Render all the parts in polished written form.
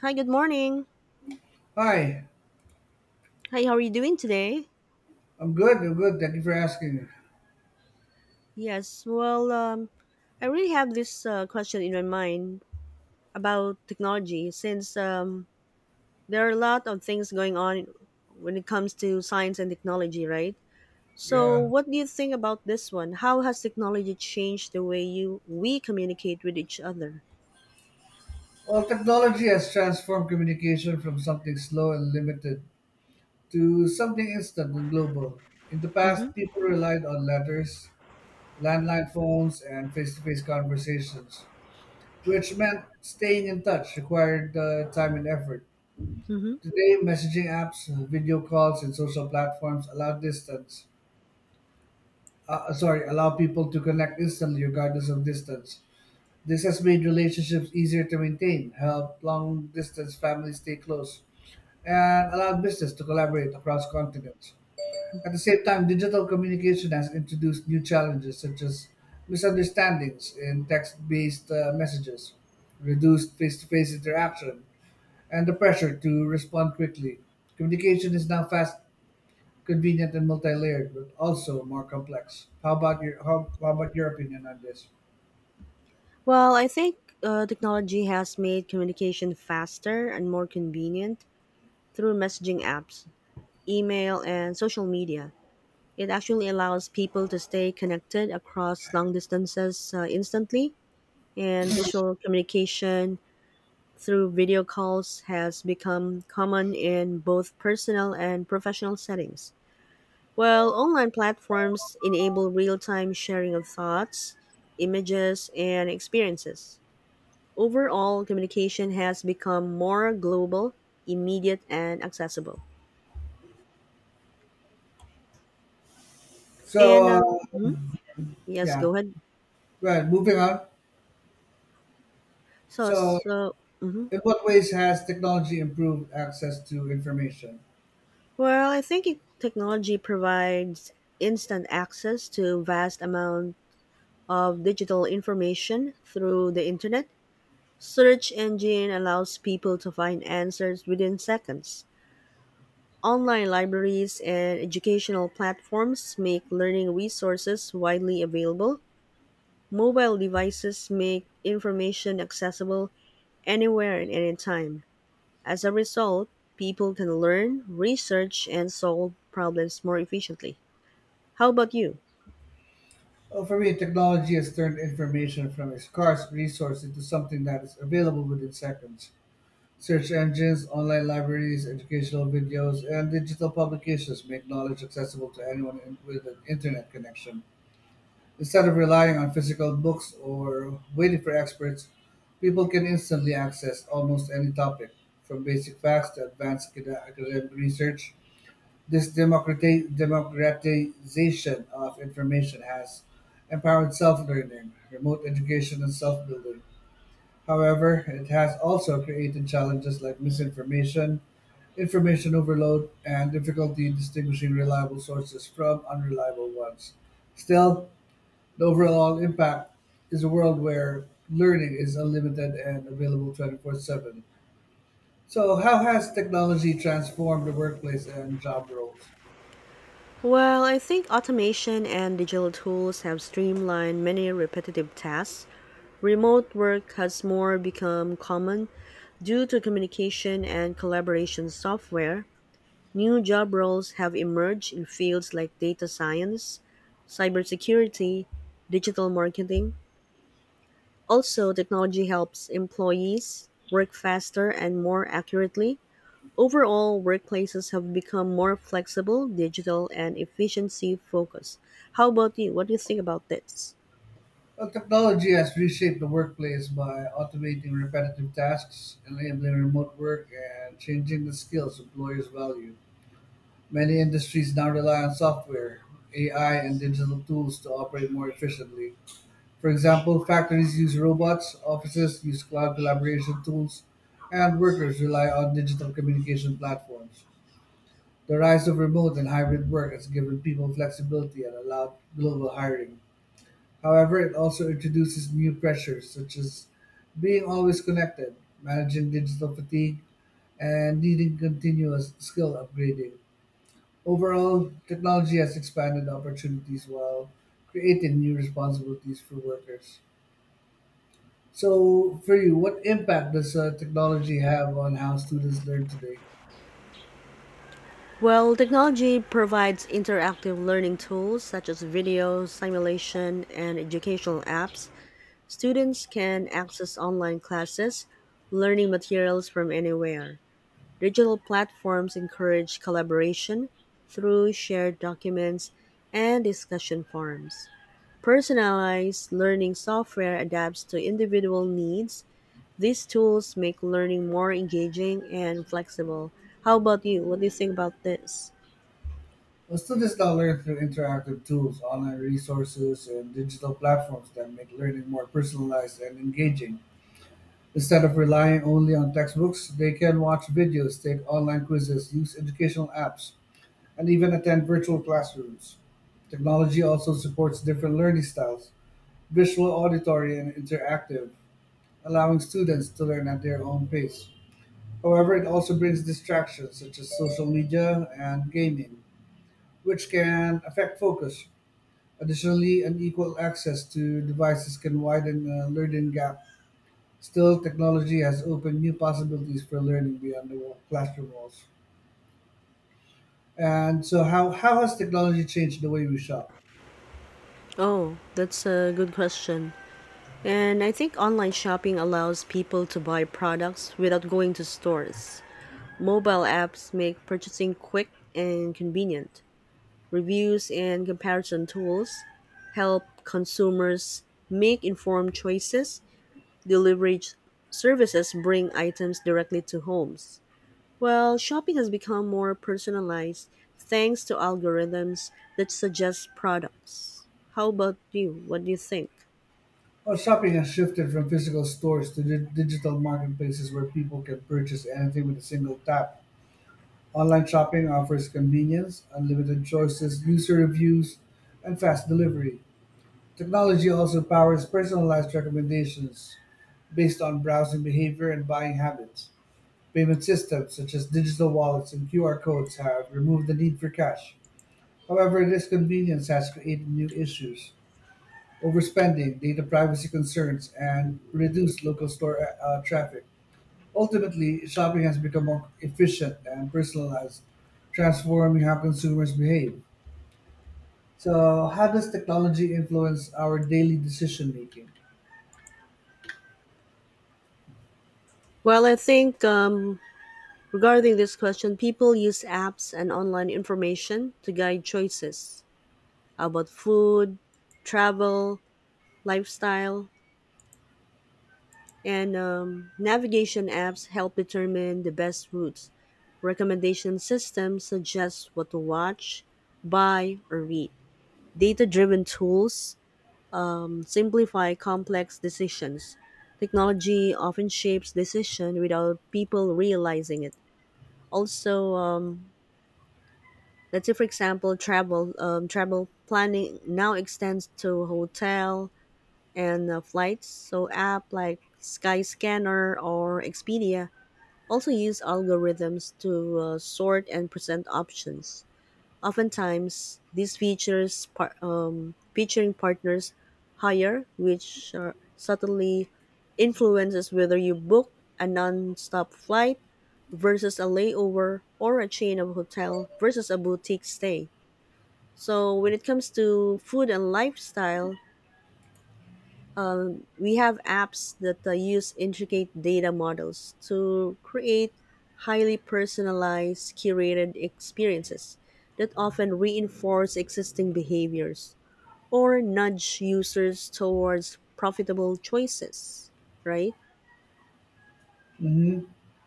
Hi, good morning. Hi, Hi, how are you doing today? I'm good. I'm good. Thank you for asking. Yes, well, I really have this question in my mind about technology since there are a lot of things going on when it comes to science and technology, right? So, Yeah. what do you think about this one? How has technology changed the way you we communicate with each other? Well, technology has transformed communication from something slow and limited to something instant and global. In the Mm-hmm. past, people relied on letters, landline phones, and face to face conversations, which meant staying in touch required time and effort. Mm-hmm. Today, messaging apps, video calls, and social platforms allow allow people to connect instantly regardless of distance. This has made relationships easier to maintain, helped long distance families stay close, and allowed business to collaborate across continents. At the same time, digital communication has introduced new challenges such as misunderstandings in text based messages, reduced face to face interaction, and the pressure to respond quickly. Communication is now fast, convenient, and multi layered, but also more complex. How about your opinion on this? Well, I think technology has made communication faster and more convenient through messaging apps, email, and social media. It actually allows people to stay connected across long distances instantly, and visual communication through video calls has become common in both personal and professional settings. While online platforms enable real time sharing of thoughts, images, and experiences. Overall, communication has become more global, immediate, and accessible. So, And, uh, uh, mhm, yes, yeah. go ahead. Right, moving on. So, So, so mhm. in what ways has technology improved access to information? Well, I think technology provides instant access to vast amount of digital information through the internet. Search engine allows people to find answers within seconds. Online libraries and educational platforms make learning resources widely available. Mobile devices make information accessible anywhere and anytime. As a result, people can learn, research, and solve problems more efficiently. How about you? Well, for me, technology has turned information from a scarce resource into something that is available within seconds. Search engines, online libraries, educational videos, and digital publications make knowledge accessible to anyone with an internet connection. Instead of relying on physical books or waiting for experts, people can instantly access almost any topic, from basic facts to advanced academic research. This democratization of information has empowered self learning, remote education, and self building. However, it has also created challenges like misinformation, information overload, and difficulty distinguishing reliable sources from unreliable ones. Still, the overall impact is a world where learning is unlimited and available 24/7. So, how has technology transformed the workplace and job roles? Well, I think automation and digital tools have streamlined many repetitive tasks. Remote work has more become common due to communication and collaboration software. New job roles have emerged in fields like data science, cybersecurity, digital marketing. Also, technology helps employees work faster and more accurately. Overall, workplaces have become more flexible, digital, and efficiency focused. How about you? What do you think about this? Well, technology has reshaped the workplace by automating repetitive tasks, enabling remote work, and changing the skills employers value. Many industries now rely on software, AI, and digital tools to operate more efficiently. For example, factories use robots, offices use cloud collaboration tools, and workers rely on digital communication platforms. The rise of remote and hybrid work has given people flexibility and allowed global hiring. However, it also introduces new pressures such as being always connected, managing digital fatigue, and needing continuous skill upgrading. Overall, technology has expanded opportunities while creating new responsibilities for workers. So, for you, what impact does technology have on how students learn today? Well, technology provides interactive learning tools such as video, simulation, and educational apps. Students can access online classes, learning materials from anywhere. Digital platforms encourage collaboration through shared documents and discussion forums. Personalized learning software adapts to individual needs. These tools make learning more engaging and flexible. How about you? What do you think about this? Well, students now learn through interactive tools, online resources, and digital platforms that make learning more personalized and engaging. Instead of relying only on textbooks, they can watch videos, take online quizzes, use educational apps, and even attend virtual classrooms. Technology also supports different learning styles visual, auditory, and interactive, allowing students to learn at their own pace. However, it also brings distractions such as social media and gaming, which can affect focus. Additionally, unequal access to devices can widen a learning gap. Still, technology has opened new possibilities for learning beyond the classroom walls. And so, how has technology changed the way we shop? Oh, that's a good question. And I think online shopping allows people to buy products without going to stores. Mobile apps make purchasing quick and convenient. Reviews and comparison tools help consumers make informed choices. Delivery services bring items directly to homes. Well, shopping has become more personalized thanks to algorithms that suggest products. How about you? What do you think? Well, shopping has shifted from physical stores to digital marketplaces where people can purchase anything with a single tap. Online shopping offers convenience, unlimited choices, user reviews, and fast delivery. Technology also powers personalized recommendations based on browsing behavior and buying habits. Payment systems such as digital wallets and QR codes have removed the need for cash. However, this convenience has created new issues overspending, data privacy concerns, and reduced local store traffic. Ultimately, shopping has become more efficient and personalized, transforming how consumers behave. So, how does technology influence our daily decision making? Well, I think regarding this question, people use apps and online information to guide choices about food, travel, lifestyle, and navigation apps help determine the best routes. Recommendation systems suggest what to watch, buy, or read. Data driven tools simplify complex decisions. Technology often shapes decision without people realizing it. Also, let's say for example, travel planning now extends to hotel and flights. So app like Skyscanner or Expedia also use algorithms to sort and present options. Oftentimes, these featuring partners higher, which subtly influences whether you book a non-stop flight versus a layover or a chain of hotel versus a boutique stay. So when it comes to food and lifestyle, we have apps that use intricate data models to create highly personalized, curated experiences that often reinforce existing behaviors or nudge users towards profitable choices, right? Hmm,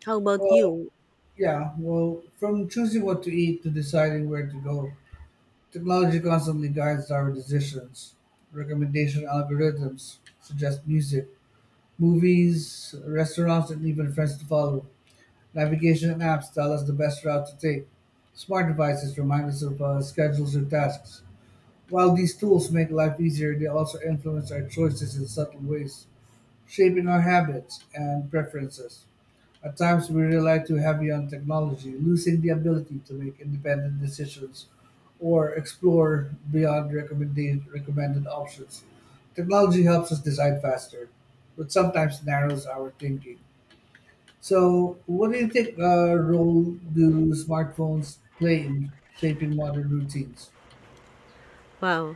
How about well, you? From choosing what to eat to deciding where to go, technology constantly guides our decisions. Recommendation algorithms suggest music, movies, restaurants, and even friends to follow. Navigation apps tell us the best route to take. Smart devices remind us of schedules or tasks. While these tools make life easier, they also influence our choices in subtle ways, shaping our habits and preferences. At times, we rely too heavy on technology, losing the ability to make independent decisions or explore beyond recommended options. Technology helps us decide faster, but sometimes narrows our thinking. So, what do you think role do smartphones play in shaping modern routines? Wow.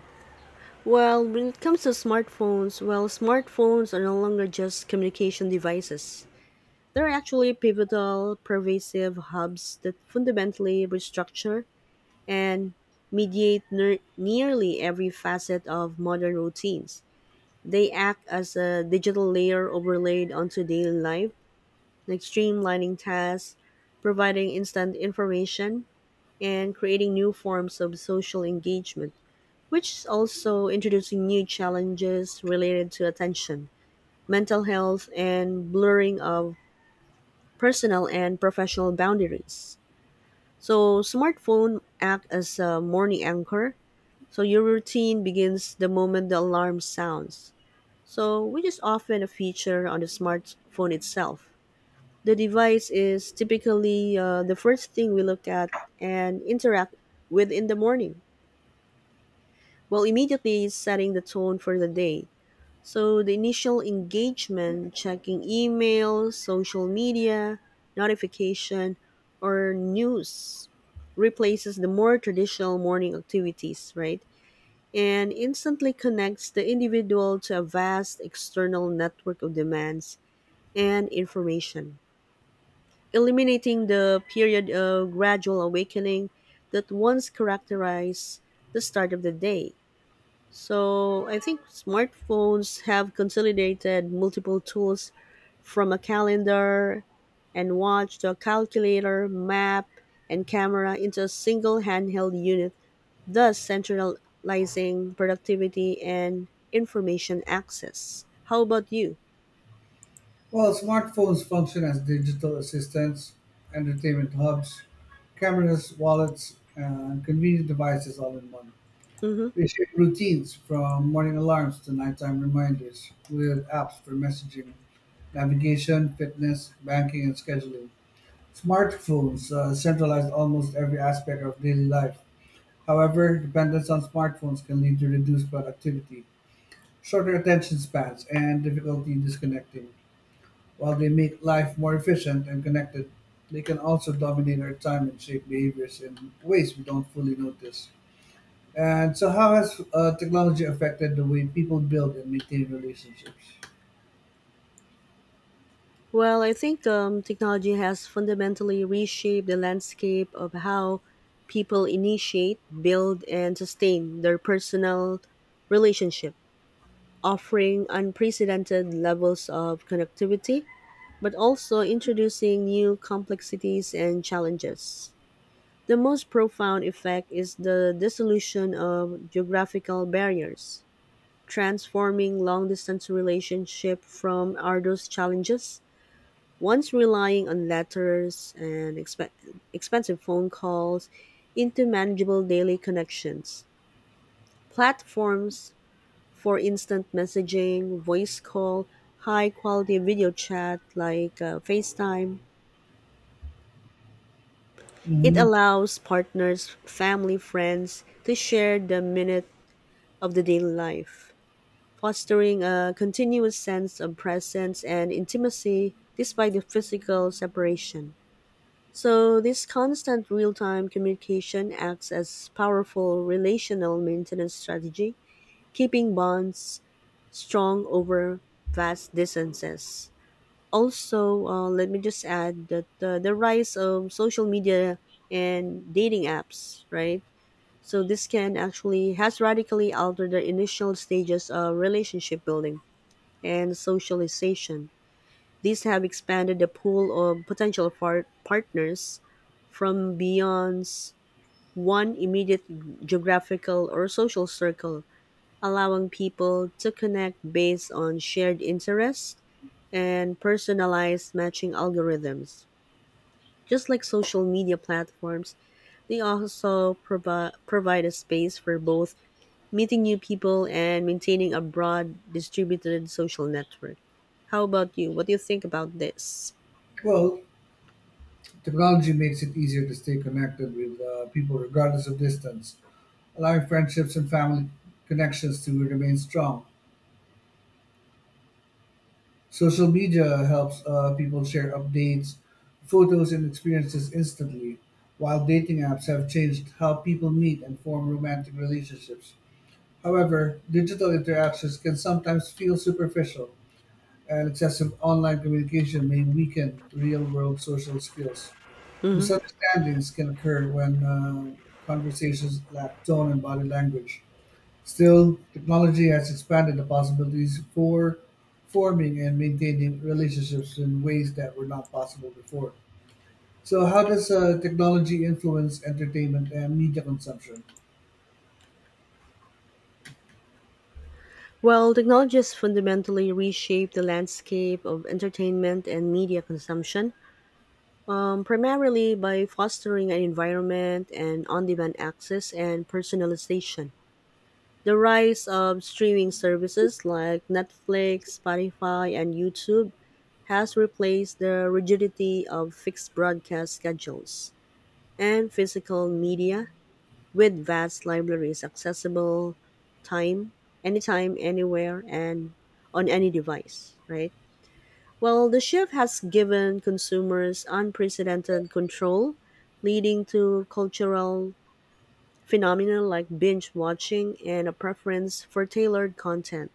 Well, when it comes to smartphones, well, smartphones are no longer just communication devices. They're actually pivotal, pervasive hubs that fundamentally restructure and mediate nearly every facet of modern routines. They act as a digital layer overlaid onto daily life, like streamlining tasks, providing instant information, and creating new forms of social engagement, which is also introducing new challenges related to attention, mental health, and blurring of personal and professional boundaries. So, smartphone act as a morning anchor. So your routine begins the moment the alarm sounds. So, which is often a feature on the smartphone itself. The device is typically the first thing we look at and interact with in the morning, while immediately setting the tone for the day. So, the initial engagement, checking email, social media, notification, or news, replaces the more traditional morning activities, right? And instantly connects the individual to a vast external network of demands and information, eliminating the period of gradual awakening that once characterized the start of the day. So, I think smartphones have consolidated multiple tools from a calendar and watch to a calculator, map, and camera into a single handheld unit, thus centralizing productivity and information access. How about you? Well, smartphones function as digital assistants, entertainment hubs, cameras, wallets, and convenient devices all in one. Hmm. We shared routines, from morning alarms to nighttime reminders, with apps for messaging, navigation, fitness, banking, and scheduling. Smartphones centralized almost every aspect of daily life. However, dependence on smartphones can lead to reduced productivity, shorter attention spans, and difficulty disconnecting. While they make life more efficient and connected, they can also dominate our time and shape behaviors in ways we don't fully notice. And so, how has technology affected the way people build and maintain relationships? Well, I think technology has fundamentally reshaped the landscape of how people initiate, build, and sustain their personal relationship, offering unprecedented levels of connectivity, but also introducing new complexities and challenges. The most profound effect is the dissolution of geographical barriers, transforming long-distance relationship from arduous challenges, once relying on letters and expensive phone calls, into manageable daily connections. Platforms for instant messaging, voice call, high-quality video chat like FaceTime, it Hmm. allows partners, family, friends to share the minute of the daily life, fostering a continuous sense of presence and intimacy despite the physical separation. So, this constant real time communication acts as powerful relational maintenance strategy, keeping bonds strong over vast distances. Also, let me just add that the rise of social media and dating apps, right? So this can actually has radically altered the initial stages of relationship building and socialization. These have expanded the pool of potential partners from beyond one immediate geographical or social circle, allowing people to connect based on shared interests and personalized matching algorithms. Just like social media platforms, they also provide a space for both meeting new people and maintaining a broad distributed social network. How about you? What do you think about this? Well, technology makes it easier to stay connected with people regardless of distance, allowing friendships and family connections to remain strong. Social media helps people share updates, photos, and experiences instantly, while dating apps have changed how people meet and form romantic relationships. However, digital interactions can sometimes feel superficial and excessive online communication may weaken real world social skills. Hmm. Misunderstandings can occur when conversations lack tone and body language. Still, technology has expanded the possibilities for forming and maintaining relationships in ways that were not possible before. So, how does technology influence entertainment and media consumption? Well, technology has fundamentally reshaped the landscape of entertainment and media consumption, primarily by fostering an environment and on demand access and personalization. The rise of streaming services like Netflix, Spotify, and YouTube has replaced the rigidity of fixed broadcast schedules and physical media, with vast libraries accessible time anytime anywhere and on any device, right? Well, the shift has given consumers unprecedented control, leading to cultural phenomena like binge watching and a preference for tailored content.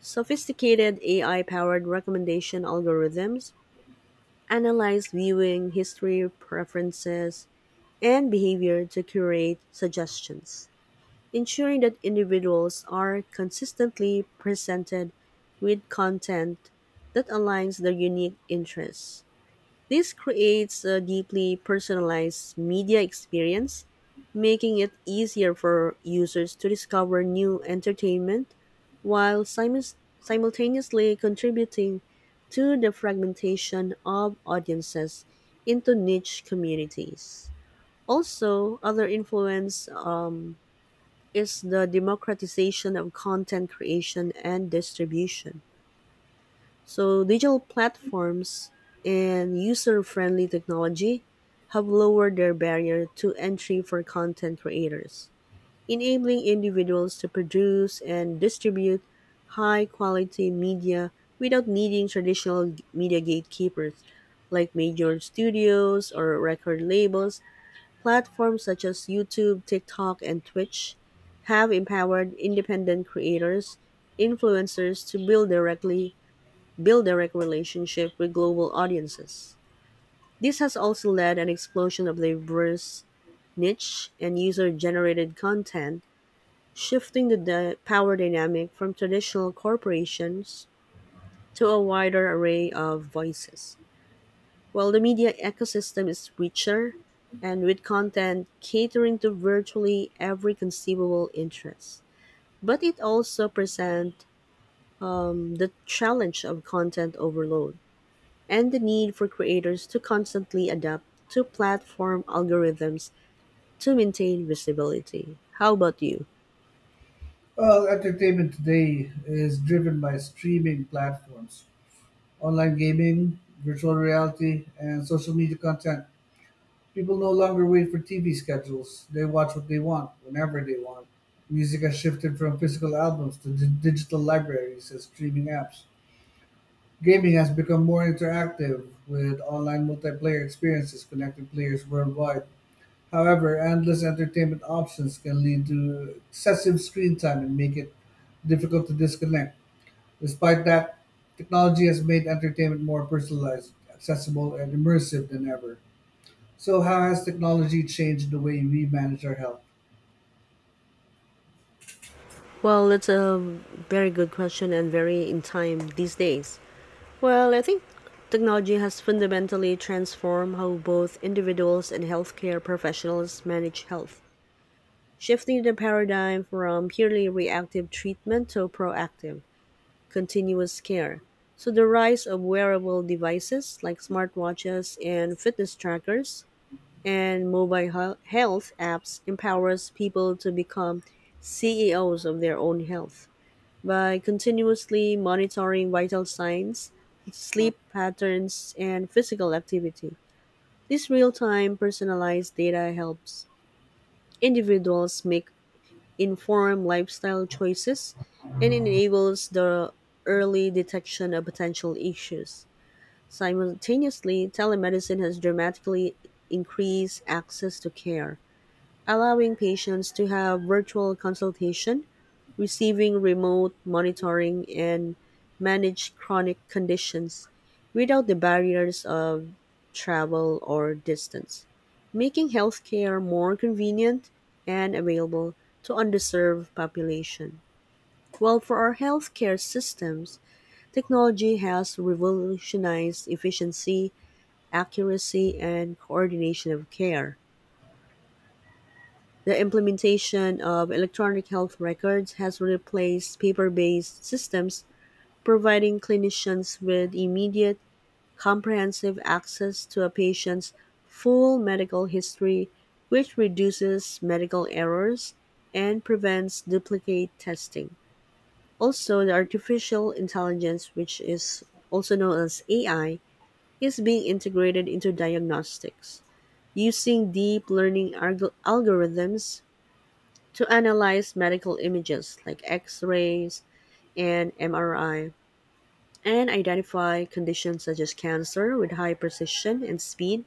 Sophisticated AI powered recommendation algorithms analyze viewing history, preferences, and behavior to curate suggestions, ensuring that individuals are consistently presented with content that aligns their unique interests. This creates a deeply personalized media experience, making it easier for users to discover new entertainment while simultaneously contributing to the fragmentation of audiences into niche communities. Also, other influence is the democratization of content creation and distribution. So, digital platforms and user friendly technology have lowered their barrier to entry for content creators, enabling individuals to produce and distribute high quality media without needing traditional media gatekeepers like major studios or record labels. Platforms such as YouTube, TikTok, and Twitch have empowered independent creators, influencers to build direct relationship with global audiences. This has also led an explosion of diverse niche and user-generated content, shifting the power dynamic from traditional corporations to a wider array of voices. Well, the media ecosystem is richer and with content catering to virtually every conceivable interest. But it also presents the challenge of content overload and the need for creators to constantly adapt to platform algorithms to maintain visibility. How about you? Well, entertainment today is driven by streaming platforms, online gaming, virtual reality, and social media content. People no longer wait for TV schedules. They watch what they want, whenever they want. Music has shifted from physical albums to digital libraries and streaming apps. Gaming has become more interactive with online multiplayer experiences connecting players worldwide. However, endless entertainment options can lead to excessive screen time and make it difficult to disconnect. Despite that, technology has made entertainment more personalized, accessible, and immersive than ever. So, how has technology changed the way we manage our health? Well, that's a very good question and very in time these days. Well, I think technology has fundamentally transformed how both individuals and healthcare professionals manage health, shifting the paradigm from purely reactive treatment to proactive, continuous care. So, the rise of wearable devices like smartwatches and fitness trackers and mobile health apps empowers people to become CEOs of their own health by continuously monitoring vital signs, sleep patterns, and physical activity, this real time personalized data helps individuals make informed lifestyle choices and enables the early detection of potential issues. Simultaneously, telemedicine has dramatically increased access to care, allowing patients to have virtual consultation receiving remote monitoring and manage chronic conditions without the barriers of travel or distance, making healthcare more convenient and available to underserved population. While for our healthcare systems, technology has revolutionized efficiency, accuracy, and coordination of care. The implementation of electronic health records has replaced paper based systems providing clinicians with immediate, comprehensive access to a patient's full medical history, which reduces medical errors and prevents duplicate testing. Also, the artificial intelligence, which is also known as AI, is being integrated into diagnostics using deep learning algorithms to analyze medical images like x rays and MRI and identify conditions such as cancer with high precision and speed.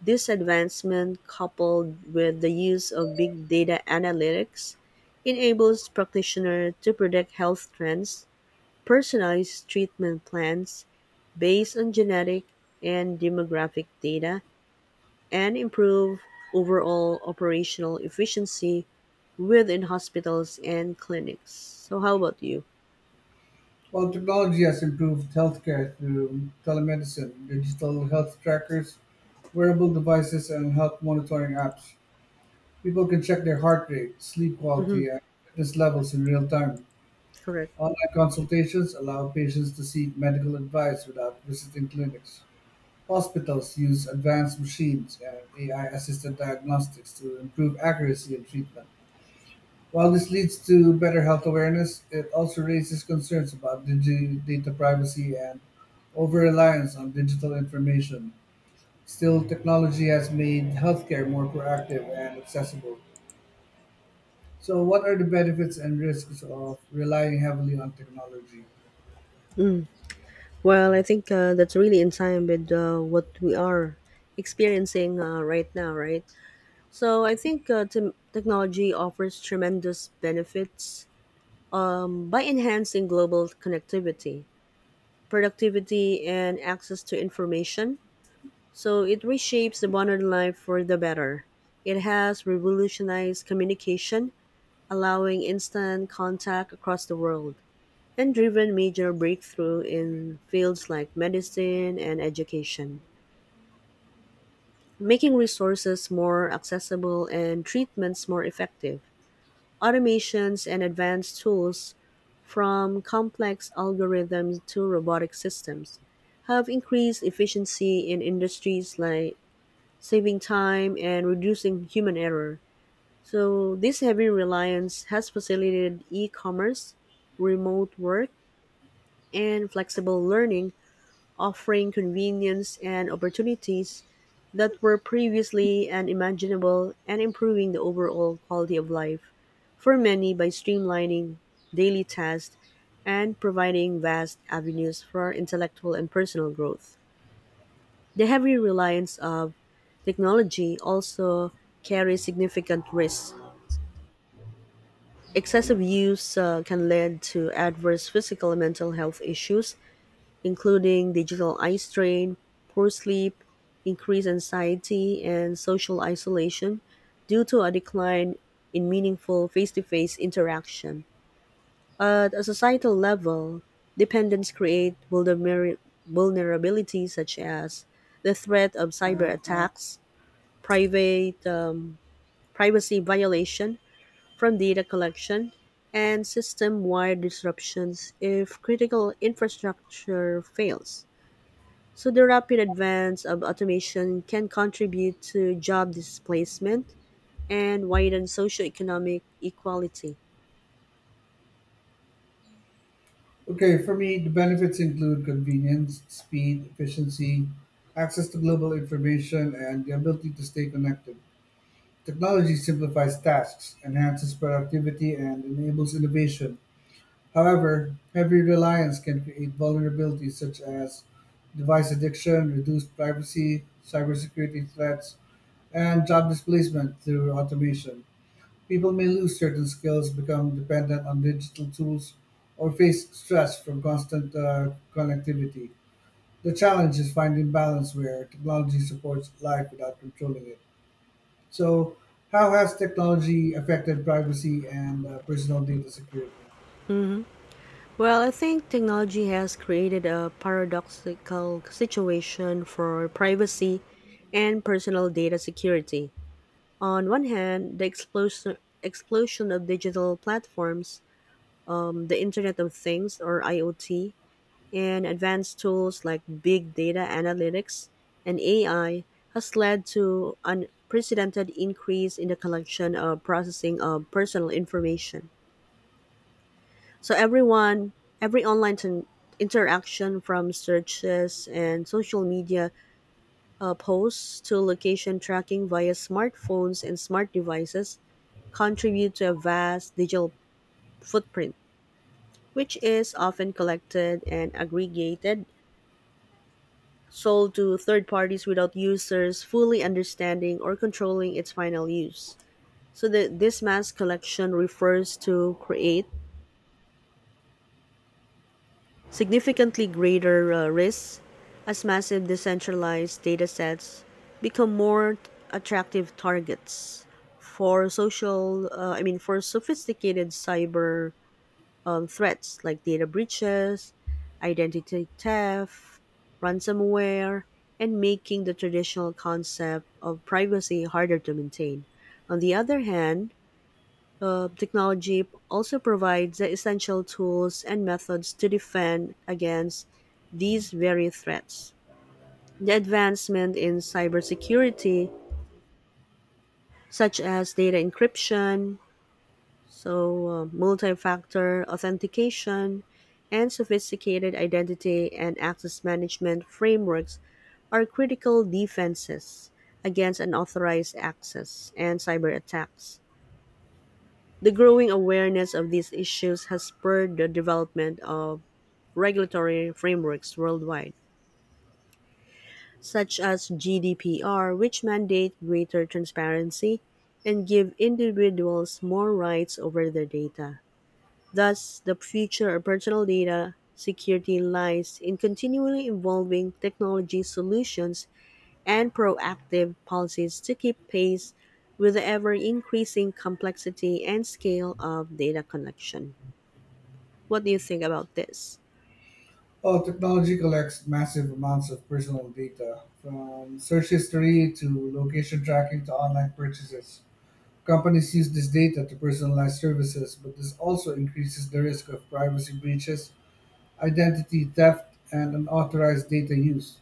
This advancement, coupled with the use of big data analytics, enables practitioners to predict health trends, personalize treatment plans based on genetic and demographic data, and improve overall operational efficiency within hospitals and clinics. So, how about you? While technology has improved healthcare through telemedicine, digital health trackers, wearable devices, and health monitoring apps, people can check their heart rate, sleep Hmm, quality, and fitness levels in real time. correct. Online consultations allow patients to seek medical advice without visiting clinics. Hospitals use advanced machines and AI-assisted diagnostics to improve accuracy in treatment. While this leads to better health awareness, it also raises concerns about data privacy and over-reliance on digital information. Still, technology has made healthcare more proactive and accessible. So, what are the benefits and risks of relying heavily on technology? Well, I think that's really in time with what we are experiencing right now, right? So I think technology offers tremendous benefits, by enhancing global connectivity, productivity, and access to information. So it reshapes the modern life for the better. It has revolutionized communication, allowing instant contact across the world, and driven major breakthrough in fields like medicine and education. Making resources more accessible and treatments more effective. Automations and advanced tools, from complex algorithms to robotic systems, have increased efficiency in industries like saving time and reducing human error. So, this heavy reliance has facilitated e commerce, remote work, and flexible learning, offering convenience and opportunities that were previously unimaginable and improving the overall quality of life for many by streamlining daily tasks and providing vast avenues for intellectual and personal growth. The heavy reliance of technology also carries significant risks. Excessive use can lead to adverse physical and mental health issues including digital eye strain, poor sleep, increased anxiety, and social isolation due to a decline in meaningful face to face interaction. At a societal level, dependence create vulnerabilities such as the threat of cyber attacks, private privacy violation from data collection, and system-wide disruptions if critical infrastructure fails. So the rapid advance of automation can contribute to job displacement and widen socioeconomic equality. Okay, for me, the benefits include convenience, speed, efficiency, access to global information, and the ability to stay connected. Technology simplifies tasks, enhances productivity, and enables innovation. However, heavy reliance can create vulnerabilities such as device addiction, reduced privacy, cybersecurity threats, and job displacement through automation. People may lose certain skills, become dependent on digital tools, or face stress from constant connectivity. The challenge is finding balance where technology supports life without controlling it. So, how has technology affected privacy and personal data security? Well, I think technology has created a paradoxical situation for privacy and personal data security. On one hand, the explosion of digital platforms, the Internet of Things or IoT, and advanced tools like big data analytics and AI has led to unprecedented increase in the collection of processing of personal information. So everyone, every online t- interaction from searches and social media posts to location tracking via smartphones and smart devices contribute to a vast digital footprint, which is often collected and aggregated sold to third parties without users fully understanding or controlling its final use. So this mass collection refers to create significantly greater risks as massive decentralized data sets become more attractive targets for social I mean for sophisticated cyber, threats like data breaches, identity theft, ransomware, and making the traditional concept of privacy harder to maintain. On the other hand, technology also provides the essential tools and methods to defend against these very threats. The advancement in cybersecurity, such as data encryption, multi factor authentication and sophisticated identity and access management frameworks are critical defenses against unauthorized access and cyber attacks. The growing awareness of these issues has spurred the development of regulatory frameworks worldwide, such as GDPR, which mandate greater transparency and give individuals more rights over their data. Thus, the future of personal data security lies in continually evolving technology solutions and proactive policies to keep pace with the ever increasing complexity and scale of data collection. What do you think about this? Well, technology collects massive amounts of personal data, from search history to location tracking to online purchases. Companies use this data to personalize services, but this also increases the risk of privacy breaches, identity theft, and unauthorized data use.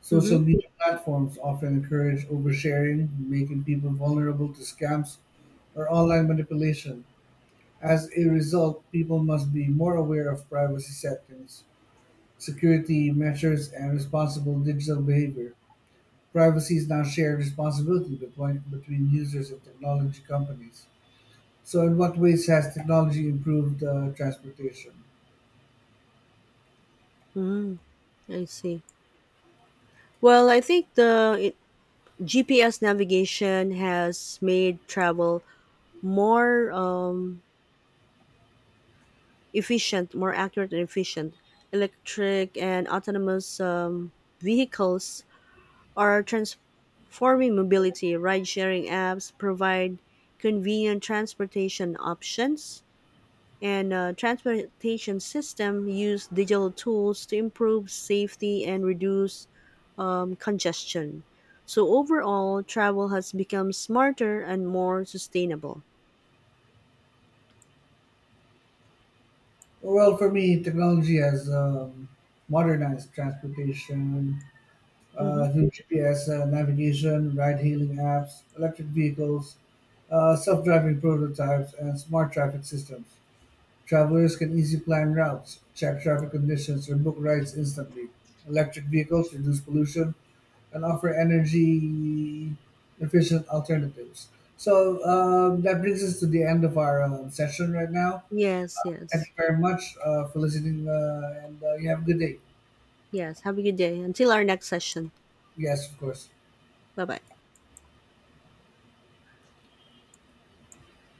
Social Mm-hmm. media platforms often encourage oversharing, making people vulnerable to scams or online manipulation. As a result, people must be more aware of privacy settings, security measures, and responsible digital behavior. Privacy is now shared responsibility between users and technology companies. So, in what ways has technology improved transportation? Mm-hmm. I see. Well, I think the it, GPS navigation has made travel more efficient, more accurate and efficient. Electric and autonomous, vehicles are transforming mobility. Ride sharing apps provide convenient transportation options, and transportation system use digital tools to improve safety and reduce, congestion. So overall, travel has become smarter and more sustainable. Well, for me, technology has modernized transportation Hmm. Through GPS navigation, ride-hailing apps, electric vehicles, self-driving prototypes, and smart traffic systems. Travelers can easily plan routes, check traffic conditions, or book rides instantly. Electric vehicles reduce pollution, and offer energy efficient alternatives. So that brings us to the end of our session right now. Yes, Thank yes, you very much for listening, and you have a good day. yes. Have a good day. Until our next session. Yes, of course. Bye bye.